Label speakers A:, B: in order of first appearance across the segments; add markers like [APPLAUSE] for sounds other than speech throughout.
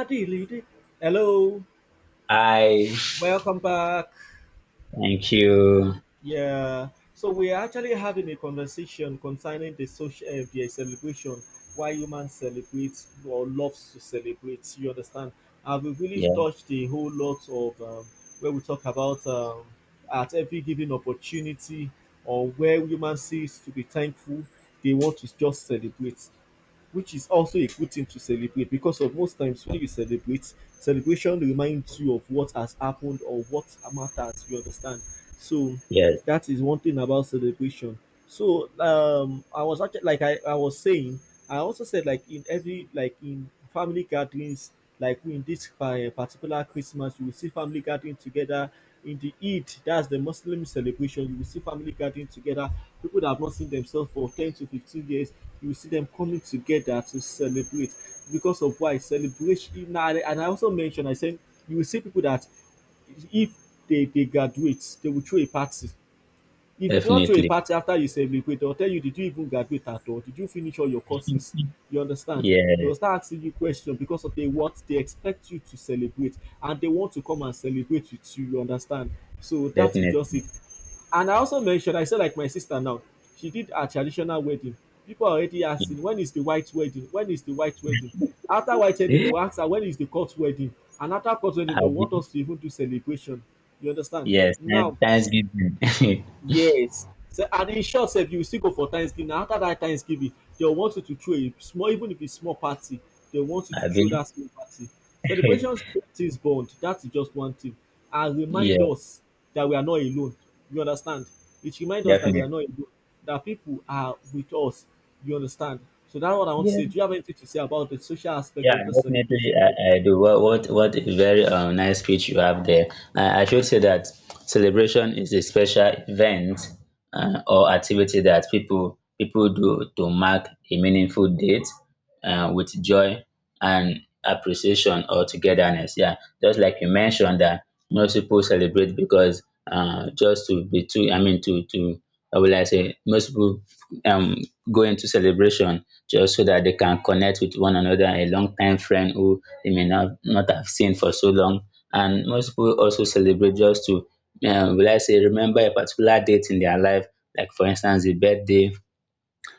A: Hadi Lidi. Hello,
B: I
A: welcome back.
B: thank you.
A: Yeah, so we're actually having a conversation concerning the social the celebration, why humans celebrate or loves to celebrate. You understand? And we really
B: Yeah,
A: touched a whole lot of where we talk about at every given opportunity or where human sees to be thankful, they want to just celebrate. Which is also a good thing to celebrate because of most times when you celebrate, celebration reminds you of what has happened or what matters. You understand? So
B: yes,
A: that is one thing about celebration. So I was actually like I was saying, I also said like in every like in family gatherings, like in this particular Christmas, you will see family gathering together in the Eid, that's the Muslim celebration, you will see family gathering together. People that have not seen themselves for 10 to 15 years, you will see them coming together to celebrate. Because of why celebration, now, and I also mentioned, I said, you will see people that if they graduate, they will throw a party if you do not throw a
B: definitely.
A: party after you celebrate, they will tell you, did you even graduate at all? Did you finish all your courses? You understand? They will
B: Yeah,
A: start asking you questions because of they what they expect you to celebrate and they want to come and celebrate with you, you understand? So that is just
B: definitely.
A: it. And I also mentioned, I said like my sister now, she did her traditional wedding. People are already asking, when is the white wedding? When is the white wedding? After white wedding, they
B: Yeah.
A: will ask her, when is the court wedding? And after court wedding, they
B: I've
A: want
B: been,
A: us to even do celebration. You understand?
B: yes,
A: Now,
B: Thanksgiving. [LAUGHS]
A: yes. So and in short sef you will still go for thanksgiving, and after that thanksgiving dey want you to throw a small even if it's small party, they want you to
B: I've
A: throw
B: been,
A: that small party.
B: [LAUGHS]
A: Celebrations things bond, that is just one thing and remind
B: yeah,
A: us that we are not alone, you understand. It reminds us that we are
B: definitely.
A: not alone, that people are with us, you understand. So that's what I want to
B: Yeah,
A: say. Do you have anything to say about the social aspect
B: yeah,
A: of this celebration?
B: definitely. I do. What a very nice speech you have there. I should say that celebration is a special event or activity that people do to mark a meaningful date with joy and appreciation or togetherness. Yeah, just like you mentioned that most people celebrate because just to be too, I mean, to how will I say? Most people um go into celebration just so that they can connect with one another, a long time friend who they may not have seen for so long. And most people also celebrate just to, will I say, remember a particular date in their life, like for instance, the birthday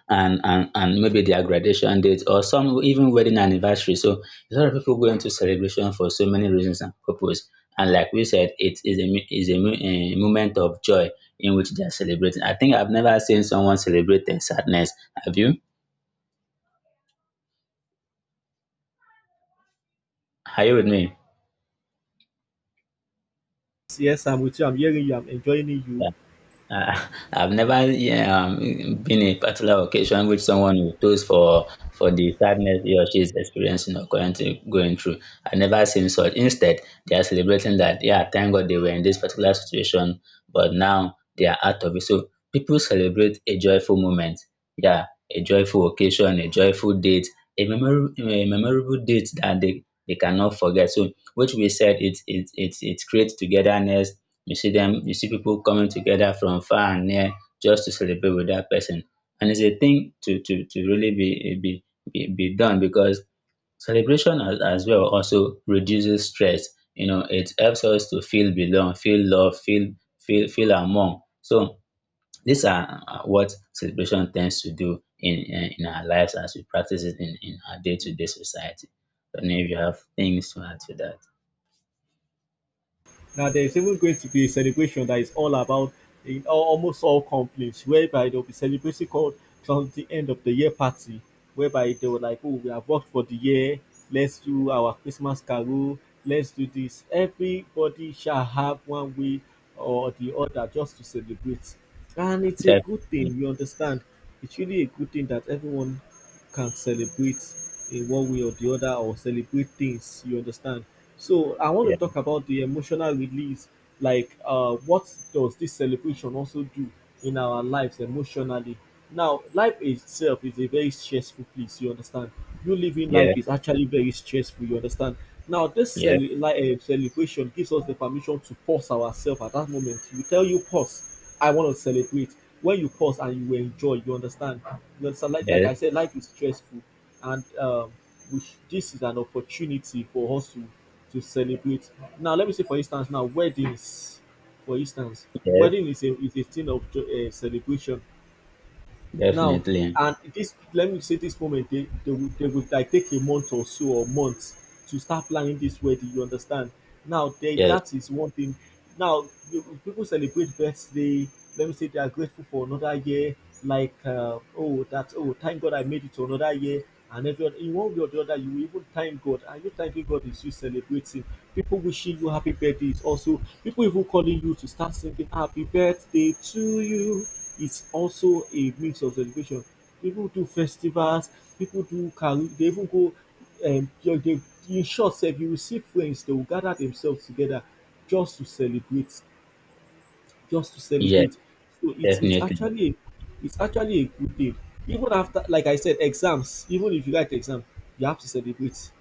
B: and maybe their graduation date or some even wedding anniversary. So a lot of people go into celebration for so many reasons and purpose. And like we said, it is a, mo- a moment of joy in which they are celebrating. I think I've never seen someone celebrate their sadness. Have you? Are you with me?
A: Yes, I'm with you. I'm hearing you. I'm enjoying you.
B: Yeah. [LAUGHS] I've never, yeah, been a particular occasion which someone will toast for the sadness he or she is experiencing or currently going through. I've never seen such. Instead, they are celebrating that, yeah, thank God they were in this particular situation, but now they are out of it. So people celebrate a joyful moment, yeah, a joyful occasion, a joyful date, a, a memorable date that they cannot forget. So, which we said, it creates togetherness, you see them, you see people coming together from far and near just to celebrate with that person. And it's a thing to really be done because celebration as well also reduces stress. You know, it helps us to feel belong, feel love, feel among. So these are what celebration tends to do in our lives as we practice it in our day to day society. I don't know if you have things to add to that.
A: Now there is even going to be a celebration that is all about in almost all companies, whereby they'll be celebrating called something end of the year party, whereby they were like, oh, we have worked for the year, let's do our Christmas carol, let's do this. Everybody shall have one way or the other just to celebrate. And it's a
B: That
A: good thing, you understand. It's really a good thing that everyone can celebrate in one way or the other or celebrate things, you understand. So I want
B: yeah,
A: to talk about the emotional release, like what does this celebration also do in our lives emotionally. Now life itself is a very stressful place, you understand. You living
B: yeah,
A: life is actually very stressful, you understand. Now this
B: yeah,
A: celebration gives us the permission to pause ourselves at that moment. We tell you pause, I want to celebrate. When you pause and you enjoy, you understand. You understand. Like
B: yeah,
A: I said, life is stressful, and this is an opportunity for us to celebrate. Now, let me say, for instance, now weddings, for instance,
B: yeah.
A: wedding is a thing of celebration. Now,
B: Definitely.
A: and this let me say this moment they will like take a month or so or months to start planning this wedding, you understand. Now they
B: Yes.
A: that is one thing. Now people celebrate birthday, let me say they are grateful for another year. Like oh that oh thank God I made it to another year. And everyone in one way or the other, you will even thank God, and you thanking God is you celebrating. People wishing you happy birthday is also people even calling you to start singing happy birthday to you. It's also a mix of celebration. People do festivals, people do karaoke, they even go um they, they, in short sef you will see friends, they will gather themselves together just to celebrate, just to
B: Yes.
A: celebrate. So
B: Definitely.
A: it's actually a good day. Even after, like I said, exams, even if you write exam, you have to celebrate.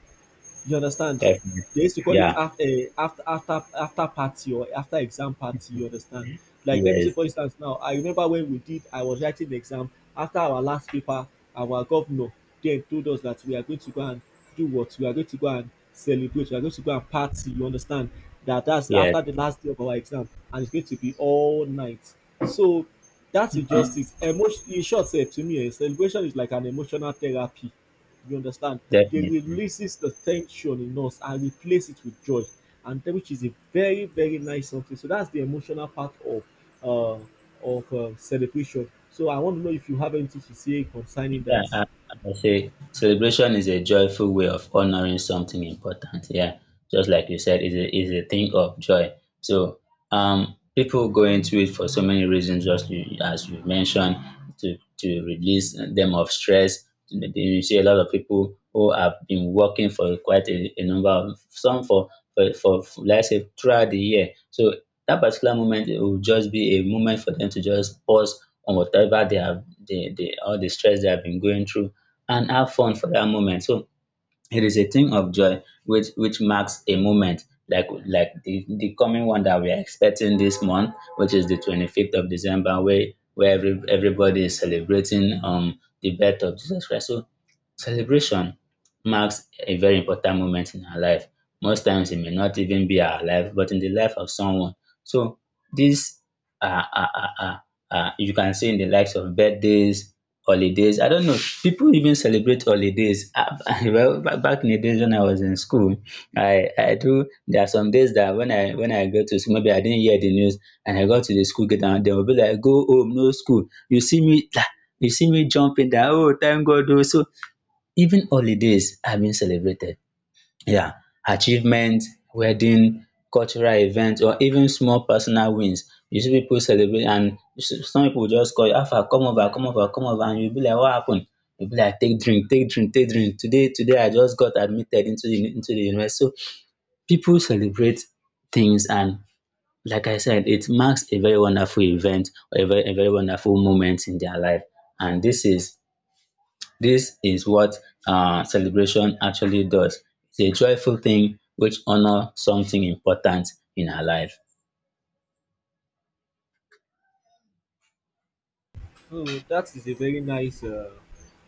A: You understand? They
B: Definitely.
A: used to call it
B: Yeah.
A: after party or after exam party. You understand? Like let me say
B: Yes.
A: for instance now, I remember when we did, I was writing the exam after our last paper. Our governor then told us that we are going to go and do what? We are going to go and celebrate. We are going to go and party. You understand? That that's
B: Yes.
A: after the last day of our exam, and it's going to be all night. So that's just it. Emotion, in short, sef, to me, eh, celebration is like an emotional therapy. You understand?
B: [LAUGHS]
A: They
B: Definitely.
A: releases the tension in us and replace it with joy, and that which is a very very nice something. So that's the emotional part of uh, of celebration. So I want to know if you have anything to say concerning
B: Yeah,
A: that.
B: I say celebration is a joyful way of honoring something important. Yeah, just like you said, is a thing of joy. So people go into it for so many reasons, just you, as you mentioned, to release them of stress. Then you see a lot of people who have been working for quite a number of some for let's say throughout the year. So that particular moment, it will just be a moment for them to just pause on whatever they all the stress they have been going through, and have fun for that moment. So it is a thing of joy which marks a moment like the coming one that we are expecting this month, which is the 25th of December, where everybody is celebrating the birth of Jesus Christ. So celebration marks a very important moment in our life. Most times it may not even be our life, but in the life of someone. So these are, are, are, are, are you can see in the likes of birthdays, holidays. I don't know. People even celebrate holidays. Ah, [LAUGHS] well, back in the days when I was in school, I do. There are some days that when I go to school, maybe I didn't hear the news, and I got to the school gate, and they will be like, "Go home, no school." You see me, [TSK] you see me jumping that. Oh, thank God! Oh." So even holidays are being celebrated, um achievement, wedding, cultural event, or even small personal wins. You see people celebrate, and some people go just call you, how far, come over, come over, come over, and you be like, what happen? You be like, take drink, take drink, take drink. Today today I just got admitted into the university. So people celebrate things. And like I said, it marks a very wonderful event, or a very wonderful moment in their life. And this is, this is what celebration actually does. It's a joyful thing which honor something important in our life.
A: Oh, that is a very nice. Uh,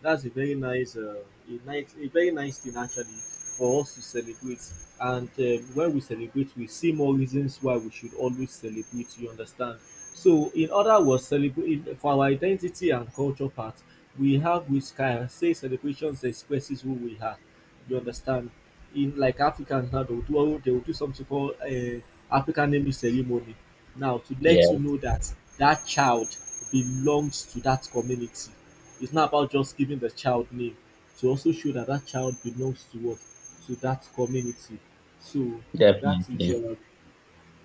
A: that's a very nice. A nice, a very nice thing actually for us to celebrate. And when we celebrate, we see more reasons why we should always celebrate. You understand? So, in other words, celebrate for our identity and culture part, we have which can say celebrations expresses who we are. You understand? In like Africans now, they will do something called African naming ceremony. Now to
B: Yeah,
A: let you know that that child belongs to that community. It's not about just giving the child name. To also show that that child belongs to what, to that community. So that is
B: definitely.
A: uh,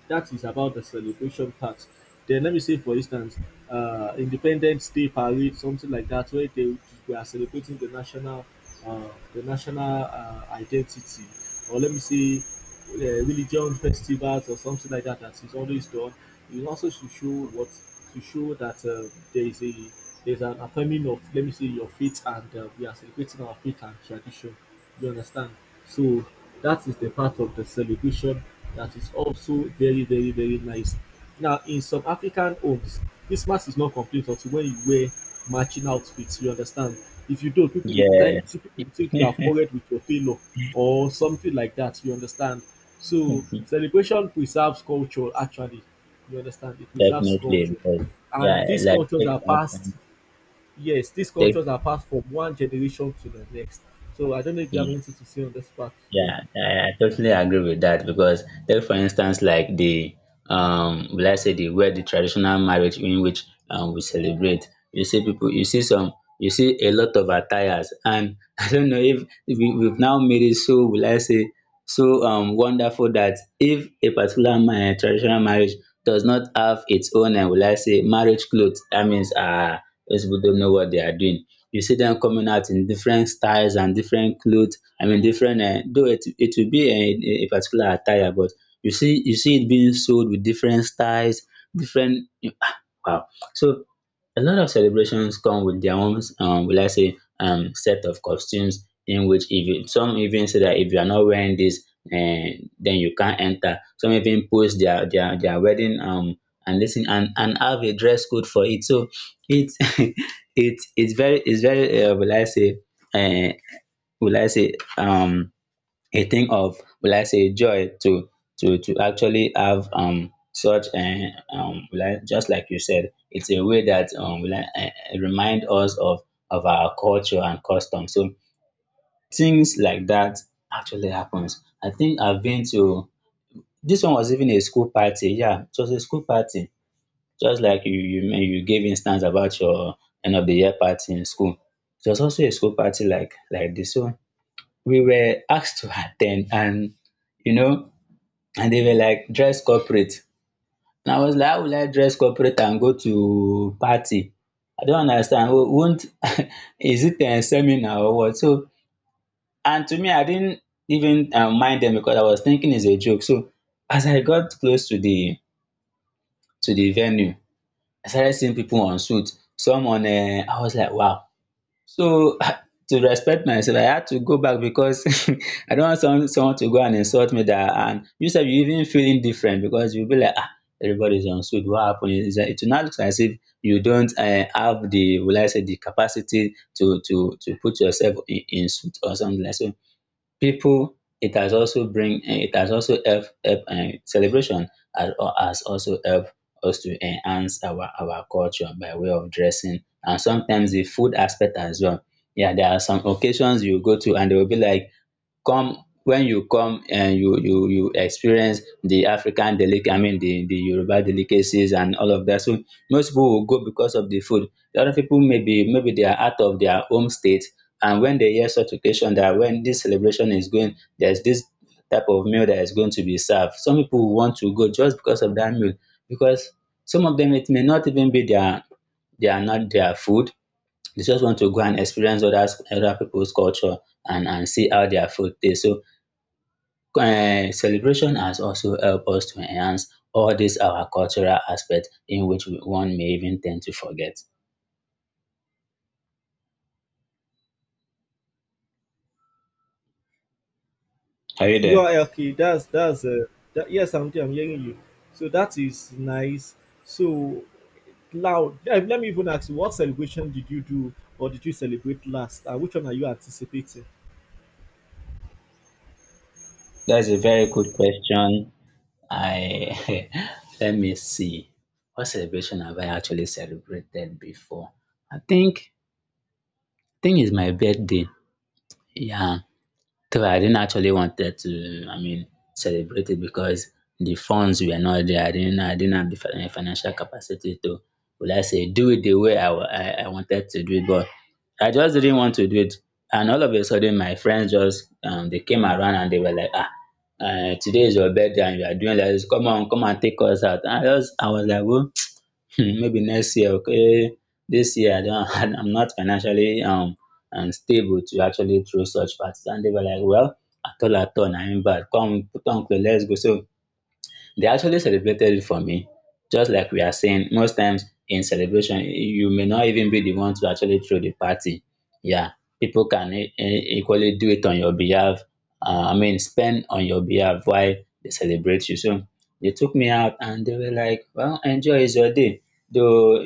A: that is about the celebration part. Then let me say, for instance, Independence Day parade, something like that, where they we are celebrating the national, uh, the national identity, or let me say, uh, religion festivals or something like that. That is always done. It also to show what, to show that there is a there is an affirming of let me say your faith, and we are celebrating our faith and tradition. You understand? So that is the part of the celebration that is also very, very, very nice. Now, in some African homes, Christmas is not complete until when you wear matching outfits. You understand? If you don't,
B: Yes,
A: people will think you
B: [LAUGHS]
A: have quarreled with your tailor or something like that. You understand? So celebration preserves culture. Actually, you understand? It preserves
B: definitely.
A: culture,
B: But
A: and
B: yeah,
A: these
B: like
A: cultures
B: take
A: are
B: for
A: passed.
B: instance,
A: Yes, these
B: take
A: cultures are passed from one generation to the next. So I don't know if you have anything to say on this part too.
B: yeah, I totally agree with that because take for instance like the will I say the where the traditional marriage in which we celebrate, you see people you see some you see a lot of attires. And [LAUGHS] I don't know if we've now made it so, will I say, so wonderful that if a particular traditional marriage does not have its own and will I say marriage clothes, that means those people don't know what they are doing. You see them coming out in different styles and different clothes, I mean different though it will be a particular attire. But you see it being sold with different styles, different. Ah, wow. So a lot of celebrations come with their own will I say set of costumes, in which if you some even say that if you are not wearing this then you can't enter. Some even post their wedding and listen, and have a dress code for it. So it's [LAUGHS] it's very uh will I say a thing of will I say joy to actually have such will I, just like you said, it's a way that will I, remind us of our culture and custom. So things like that actually happens. I think I've been to this one was even a school party. Yeah, it was a school party, just like you gave instance about your end of the year party in school. It was also a school party like this. So we were asked to attend, and you know, and they were like, dress corporate. And I was like, how will I dress corporate and go to party? I don't understand. Won't, [LAUGHS] is it a seminar or what? So, and to me, I didn't even mind them because I was thinking it's a joke. So as I got close to the venue, I started seeing people on suit, some on I was like, wow. So [LAUGHS] to respect myself, I had to go back because [LAUGHS] I don't want someone to go and insult me dat. And you said you even feeling different because you be like, ah, everybody is on suit, what happened? It's dat it will now look as if you don't have the will I say the capacity to put yourself in suit or something like. So people, it has also bring it has also help help celebration has has also help us to enhance our culture by way of dressing, and sometimes the food aspect as well. Yeah, there are some occasions you go to and they will be like, come when you come and you experience the African delic, I mean the Yoruba delicacies and all of that. So most people will go because of the food. The other people, maybe they are out of their home state, and when they hear such occasion that when this celebration is going, there's this type of meal that is going to be served. Some people will want to go just because of that meal, because some of them it may not even be their not their food. They just want to go and experience other people's culture, and see how their food taste. So celebration has also helped us to enhance all these our cultural aspects, in which one may even tend to forget. Are you
A: You
B: there?
A: are okay. That's that, yes, I'm hearing you. So that is nice. So loud. Let me even ask you, what celebration did you do or did you celebrate last? And which one are you anticipating?
B: That's a very good question. I, [LAUGHS] let me see. What celebration have I actually celebrated before? I think I think it's my birthday. Yeah. Three, I didn't actually wanted to, I mean celebrate it because the funds were not there. I didn't, I didn't have the financial capacity to, will I say, do it the way I I wanted to do it, but I just didn't want to do it. And all of a sudden my friends just they came around and they were like, ah, today is your birthday and you are doing like this? Come on, come and take us out. I was like, well, maybe next year. Okay, this year I don't [LAUGHS] I'm not financially stable to actually throw such parties. And they were like, well, at all at all, I him bad, come put on clothes, let's go. So they actually celebrated it for me. Just like we are saying, most times in celebration, you may not even be the one to actually throw the party. Yeah, people can equally do it on your behalf. I mean, spend on your behalf while they celebrate you. So they took me out and they were like, well, enjoy, is your day. Though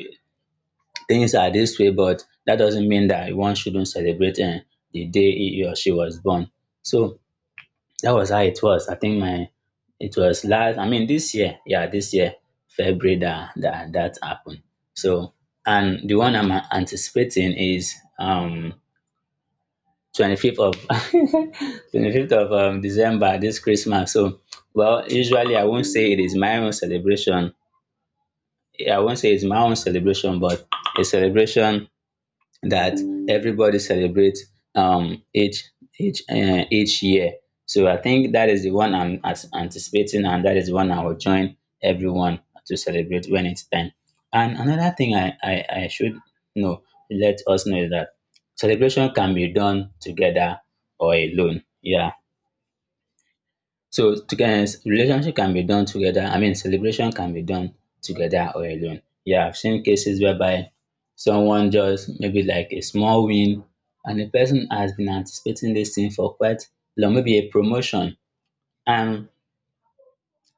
B: things are this way, but that doesn't mean that one shouldn't celebrate, eh, the day he or she was born. So that was how it was. I think my it was last, I mean, this year, yeah, this year February that happened. So, and the one I'm anticipating is 25th of [LAUGHS] 25th of December, this Christmas. So, well, usually I won't say it is my own celebration. Yeah, I won't say it's my own celebration, but a celebration that everybody celebrates um each each year. So I think that is the one I'm as anticipating, and that is the one I will join everyone to celebrate when it's time. And another thing I should know, let us know, is that celebration can be done together or alone. Yeah, so together, relationship can be done together. I mean, celebration can be done together or alone. Yeah, I've seen cases whereby someone just maybe like a small win, and the person has been anticipating this thing for quite long, maybe a promotion, and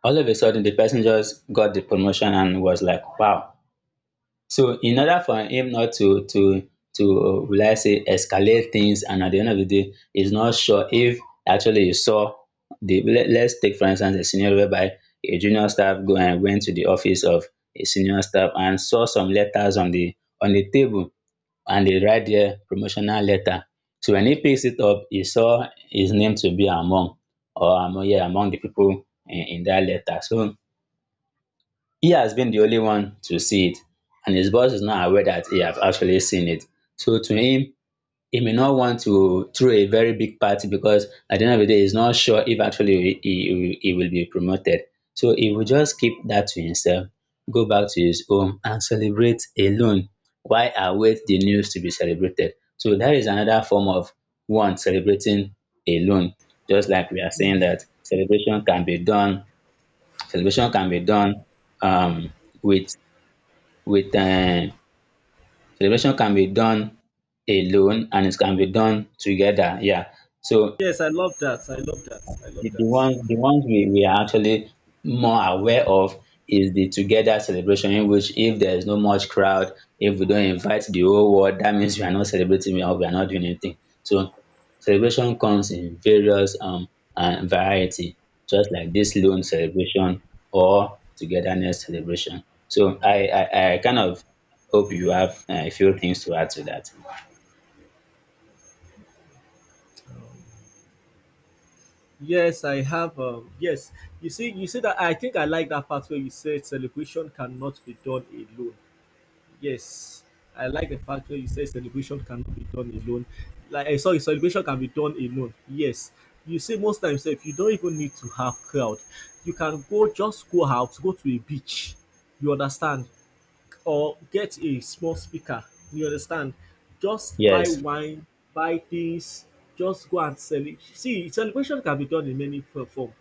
B: all of a sudden the person just got the promotion and was like, wow. So in order for him not to will I say escalate things, and at the end of the day he's not sure if actually he saw the let, let's take for instance a scenario whereby a junior staff go and went to the office of a senior staff and saw some letters on the table and they write there promotional letter. So when he picks it up, he saw his name to be among or among, yeah, among the people in that letter. So he has been the only one to see it and his boss is not aware that he has actually seen it. So to him, he may not want to throw a very big party because at the end of the day, he's not sure if actually he will be promoted. So he will just keep that to himself, go back to his home and celebrate alone while await the news to be celebrated. So that is another form of one celebrating alone. Just like we are saying that celebration can be done, celebration can be done, um, with with celebration can be done alone and it can be done together. Yeah. So
A: Yes, I love that. I love that. I love
B: The
A: that.
B: ones, the ones we are actually more aware of is the together celebration, in which if there is no much crowd, if we don't invite the whole world, that means we are not celebrating or we are not doing anything. So celebration comes in various and variety, just like this loan celebration or togetherness celebration. So I kind of hope you have a few things to add to that.
A: Yes, I have. Yes, you see that I think I like that part where you said celebration cannot be done alone. Yes, I like the fact where you say celebration cannot be done alone. Like I saw, celebration can be done alone. Yes, you see, most times if you don't even need to have crowd, you can go just go out, go to a beach. You understand, or get a small speaker. You understand, just buy
B: Yes,
A: wine, buy things, just go and sell it. See, celebration can be done in many f- form.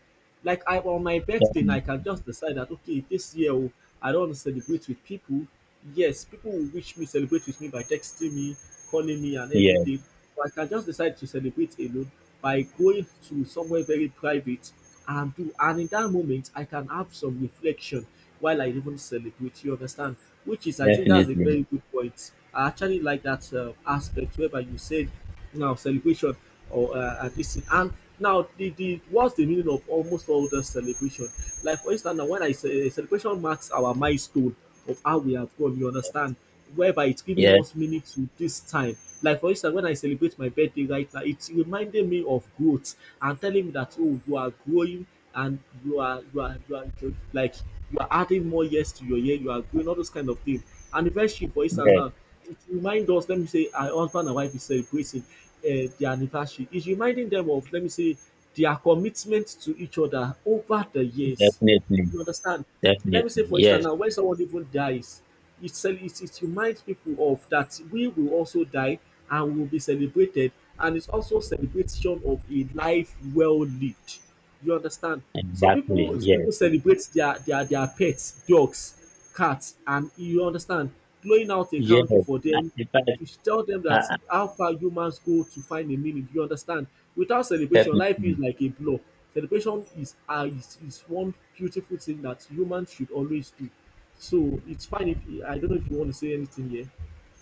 A: Like I on my birthday, I
B: definitely.
A: can just decide that okay, this year oh, I don't want to celebrate with people. Yes, people will wish me, celebrate with me by texting me, calling me, and
B: Yes,
A: everything. But I can just decide to celebrate alone by going to somewhere very private and do. And in that moment, I can have some reflection while I even celebrate. You understand? Which is, I think, that's a
B: definitely.
A: very good point. I actually like that aspect whereby you said now celebration or at least and now the what's the meaning of almost all the celebration, like for instance now when I say celebration marks our milestone of how we have gone, you understand, whereby it's giving
B: Yes,
A: us meaning to this time. Like for instance when I celebrate my birthday right now, it's reminding me of growth and telling me that oh you are growing, and like you are adding more years to your year, you are growing, all those kind of things. And eventually, for instance
B: yes,
A: now, it reminds us, let me say, our husband and wife is celebrating their anniversary. It's reminding them of, let me say, their commitment to each other over the years.
B: definitely.
A: You understand? Let
B: Definitely.
A: me say, for instance,
B: Yes.
A: now when someone even dies, it reminds people of that we will also die and will be celebrated, and it's also celebration of a life well lived. You understand? Some
B: Exactly.
A: people
B: Yes.
A: even celebrate their pets, dogs, cats, and you understand, blowing out a
B: Yes.
A: candle for them
B: In fact,
A: to tell them
B: uh,
A: that
B: uh,
A: how far humans go to find a meaning. You understand? Without celebration, life is
B: definitely.
A: like a blow. Celebration is is one beautiful thing that humans should always do. So it's fine if you- I don't know if you want to say anything here.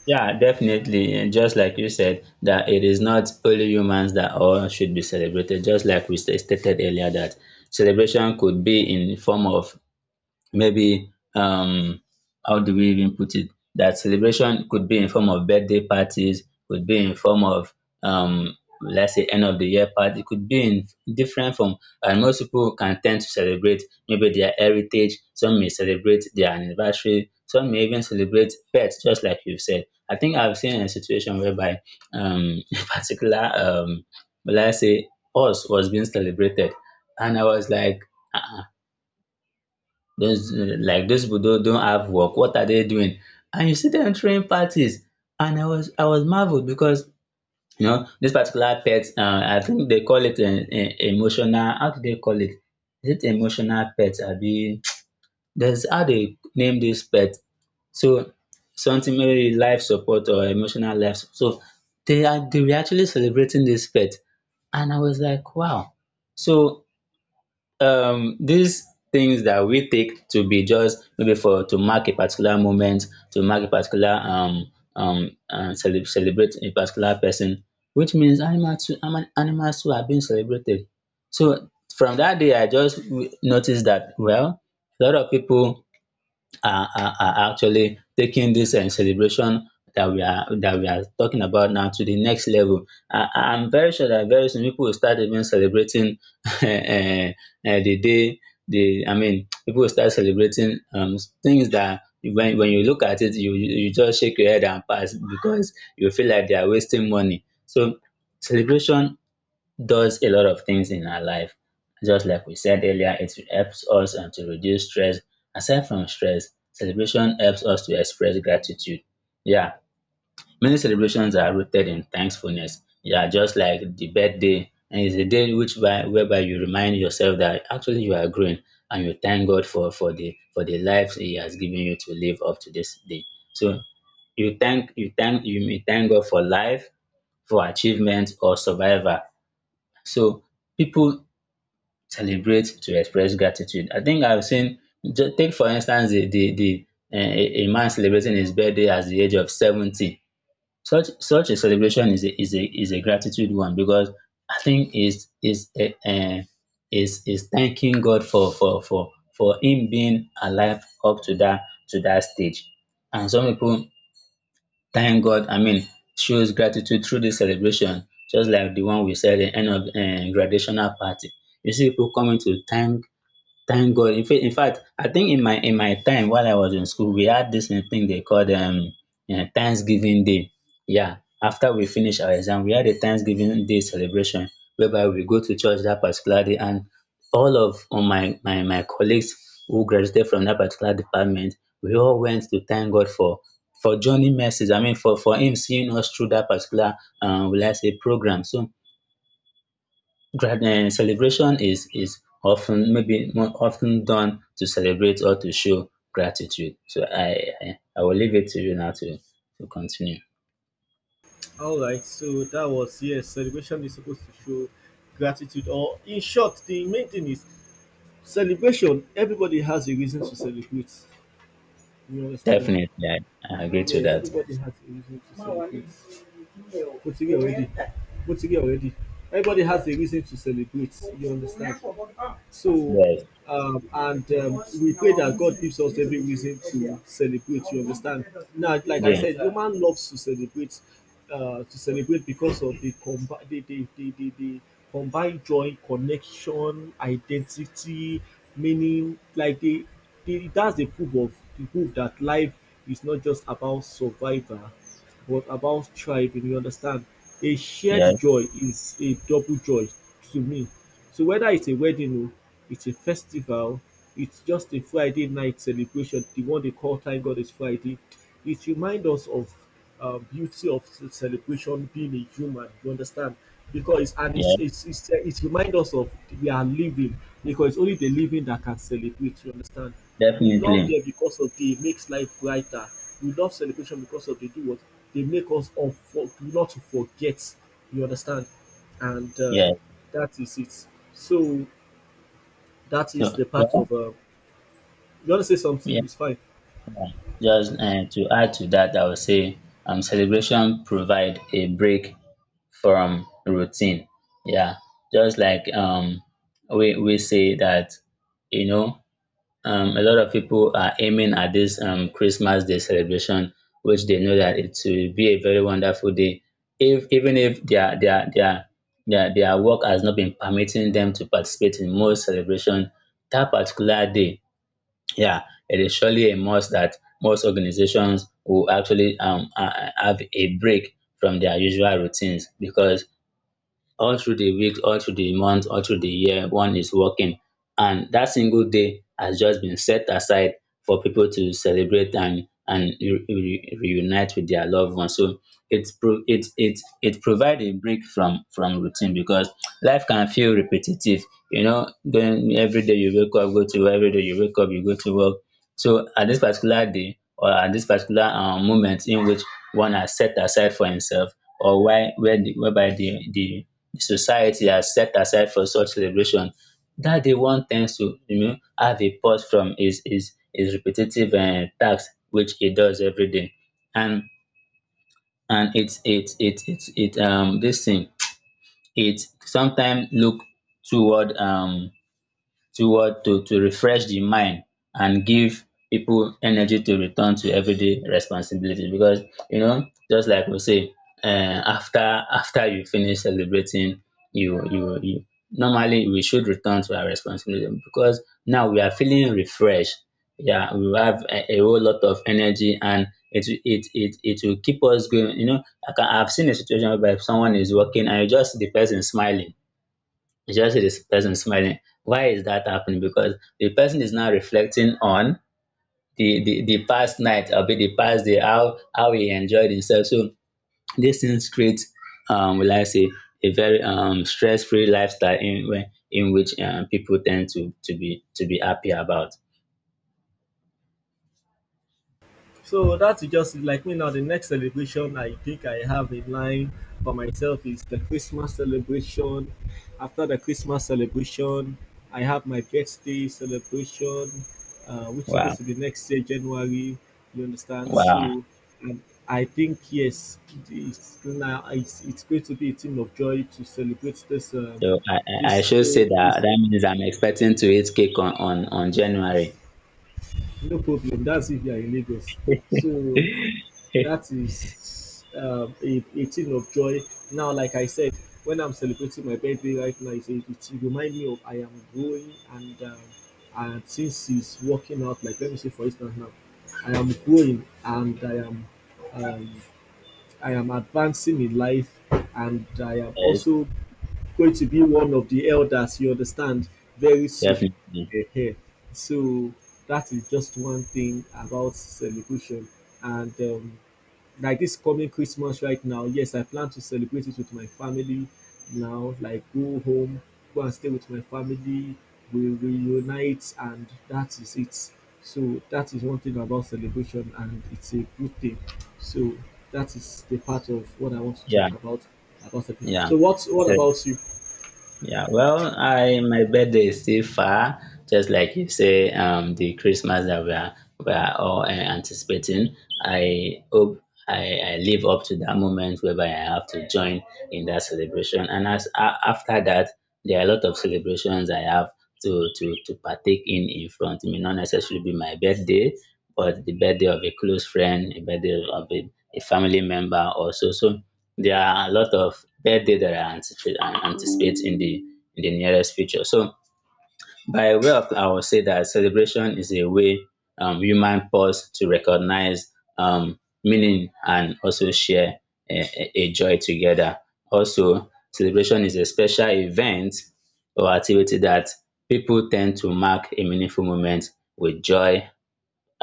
B: Yeah, definitely. And just like you said, that it is not only humans that all should be celebrated. Just like we stated earlier, that celebration could be in form of maybe how do we even put it, that celebration could be in form of birthday parties, could be in form of let's say end of the year party, could be in different form. And most people can tend to celebrate maybe their heritage, some may celebrate their anniversary, some may even celebrate pets, just like you said. I think I've seen a situation whereby [LAUGHS] a particular let's say horse was being celebrated, and I was like, ah ah, those like those people don't have work, what are they doing? And you see them throwing parties. And I was marveled because you know this particular pet, I think they call it an emotional, how do they call it? Is it emotional pet abi? [TSK] That's how they name this pet. So something maybe life support or emotional life so they are, they were actually celebrating this pet and I was like, wow. So these things that we take to be just maybe for to mark a particular moment, to mark a particular celebrate a particular person, which means animals too, animals too are being celebrated. So from that day I just notice that, well, a lot of people are actually taking this celebration that we are, that we are talking about now to the next level. I'm very sure that very soon people will start even celebrating [LAUGHS] uh, uh, the day. The, I mean, people will start celebrating things that when you look at it, you you just shake your head and pass because you feel like they are wasting money. So celebration does a lot of things in our life. Just like we said earlier, it helps us to reduce stress. Aside from stress, celebration helps us to express gratitude. Yeah, many celebrations are rooted in thankfulness. Yeah, just like the birthday, and it's a day which by, whereby you remind yourself that actually you are growing, and you thank God for for the life He has given you to live up to this day. So you thank, you may thank God for life, for achievement or survival. So people celebrate to express gratitude. I think I've seen take for instance the a man celebrating his birthday at the age of 70. Such a celebration is a gratitude one because I think is a is is thanking God for him being alive up to that, to that stage. And some people thank God, I mean, shows gratitude through this celebration, just like the one we said in end of graduational party. You see people coming to thank, thank God. In fact, I think in my, in my time while I was in school, we had this thing they called Thanksgiving Day. Yeah, after we finish our exam, we had a Thanksgiving Day celebration whereby we go to church that particular day, and all of all my colleagues who graduated from that particular department, we all went to thank God for Johnny mercies. I mean, for him seeing us through that particular will I say program. So celebration is often maybe more often done to celebrate or to show gratitude. So I, I will leave it to you now to continue.
A: All right, so that was, yes, celebration is supposed to show gratitude, or in short, the main thing is celebration. Everybody has a reason to celebrate. You understand?
B: Definitely, I agree
A: Yeah,
B: to that.
A: everybody has a reason to celebrate. Putting it already. But ti already, everybody has a reason to celebrate, you understand. So
B: Yes,
A: and we pray that God gives us every reason to celebrate, you understand. Now like I
B: yeah,
A: said, human loves to celebrate, to celebrate because of the combined joy, connection, identity, meaning, like the that's the proof of the proof that life is not just about survival, was about striving, you understand? A shared
B: yeah,
A: joy is a double joy to me. So whether it's a wedding, oh, it's a festival, it's just a Friday night celebration, the one they call Thank God It's Friday, it reminds us of beauty of ce- celebration being a human, you understand? Because and
B: yeah,
A: it's it reminds us of we are living, because it's only the living that can celebrate, you understand? We love
B: definitely.
A: them because of they, it makes life brighter. We love celebration because of they do what, they make us all for, not to forget. You understand? And
B: Yeah.
A: that is it. So that is
B: So
A: the part
B: well,
A: of. You want to say
B: yeah,
A: something? It's fine.
B: just to add to that, I would say celebration provide a break from routine. Yeah, just like we say that you know, a lot of people are aiming at this Christmas Day celebration, which they know that it will be a very wonderful day. If even if their their work has not been permitting them to participate in most celebration, that particular day, yeah, it is surely a must that most organizations will actually have a break from their usual routines because all through the week, all through the month, all through the year, one is working, and that single day has just been set aside for people to celebrate and reunite with their loved ones. So it's it provide a break from routine because life can feel repetitive. You know, going every day you wake up, go to work, every day you wake up, you go to work. So at dis particular day or at dis particular moment in which one has set aside for himself, or why where the, whereby the society has set aside for such celebration, dat day one tends to, you know, have a pause from his repetitive task which he does every day. and and it's it it it it dis thing, it sometime look toward to what to refresh the mind and give people energy to return to everyday responsibility. Because you know, just like we say, after, you finish celebrating, you normally we should return to our responsibility because now we are feeling refreshed. Yeah, we have a whole lot of energy, and it will keep us going, you know. I've seen a situation whereby someone is working and you just see the person smiling, you just see this person smiling. Why is that happening? Because the person is now reflecting on the past night or be the past day, how he enjoyed himself. So these things create will I say a very stress-free lifestyle in in which people tend to be, to be happy about.
A: So that is just it. Like me now, the next celebration I think I have in line for myself is the Christmas celebration. After the Christmas celebration, I have my birthday celebration, which is supposed
B: Wow.
A: to be next year, January. You understand?
B: Wow.
A: So, and I think yes, it's now it's going to be a thing of joy to celebrate this
B: So I, I
A: this
B: should say
A: all
B: that
A: this,
B: that means I'm expecting to eat cake on, on January.
A: no problem. That's if you are in Lagos. So that
B: [LAUGHS]
A: is a thing of joy. Now, like I said, when I'm celebrating my birthday right now, it it reminds me of I am growing, and since it's working out, like let me say for instance now, I am growing and um, I am advancing in life, and I am
B: Yes,
A: also going to be one of the elders, you understand, very soon.
B: definitely.
A: Ehe. So that is just one thing about celebration. And like this coming Christmas right now, yes, I plan to celebrate it with my family now, like go home, go and stay with my family, we reunite, and that is it. So that is one thing about celebration, and it's a good thing. So that is the part of what I want to talk
B: Yeah,
A: about celebration.
B: yeah.
A: So what
B: So
A: about you?
B: yeah, well, I, my birthday is still far, just like you say, the Christmas that we are, we are all anticipating. I hope I live up to that moment whereby I have to join in that celebration. And as a after that, there are a lot of celebrations I have to partake in front. It may not necessarily be my birthday, but the birthday of a close friend, a birthday of a family member also. So there are a lot of birthday that I anticipate and anticipate in the, in the nearest future. So by way of I would say that celebration is a way human pause to recognize meaning, and also share a joy together. Also, celebration is a special event or activity that people tend to mark a meaningful moment with joy,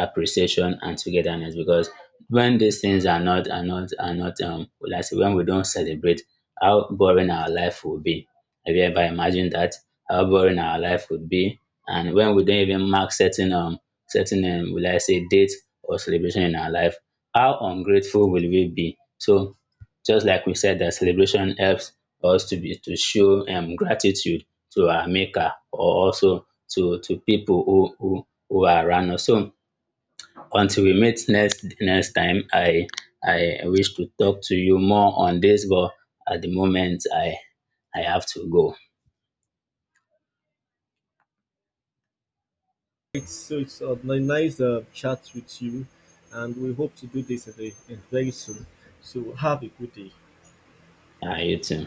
B: appreciation and togetherness, because when these things are not like I say, when we don't celebrate, how boring our life will be. Have you ever imagined that how boring our life would be? And when we don't even mark certain certain, will I say, date or celebration in our life, how ungrateful will we be? So just like we said that celebration helps us to be, to show gratitude to our maker, or also to people who are around us. So until we meet next, time, I I wish to talk to you more on this, but at the moment I I have to go.
A: It's so it's a ni- nice chat with you, and we hope to do this again very soon. So have a good day.
B: You too.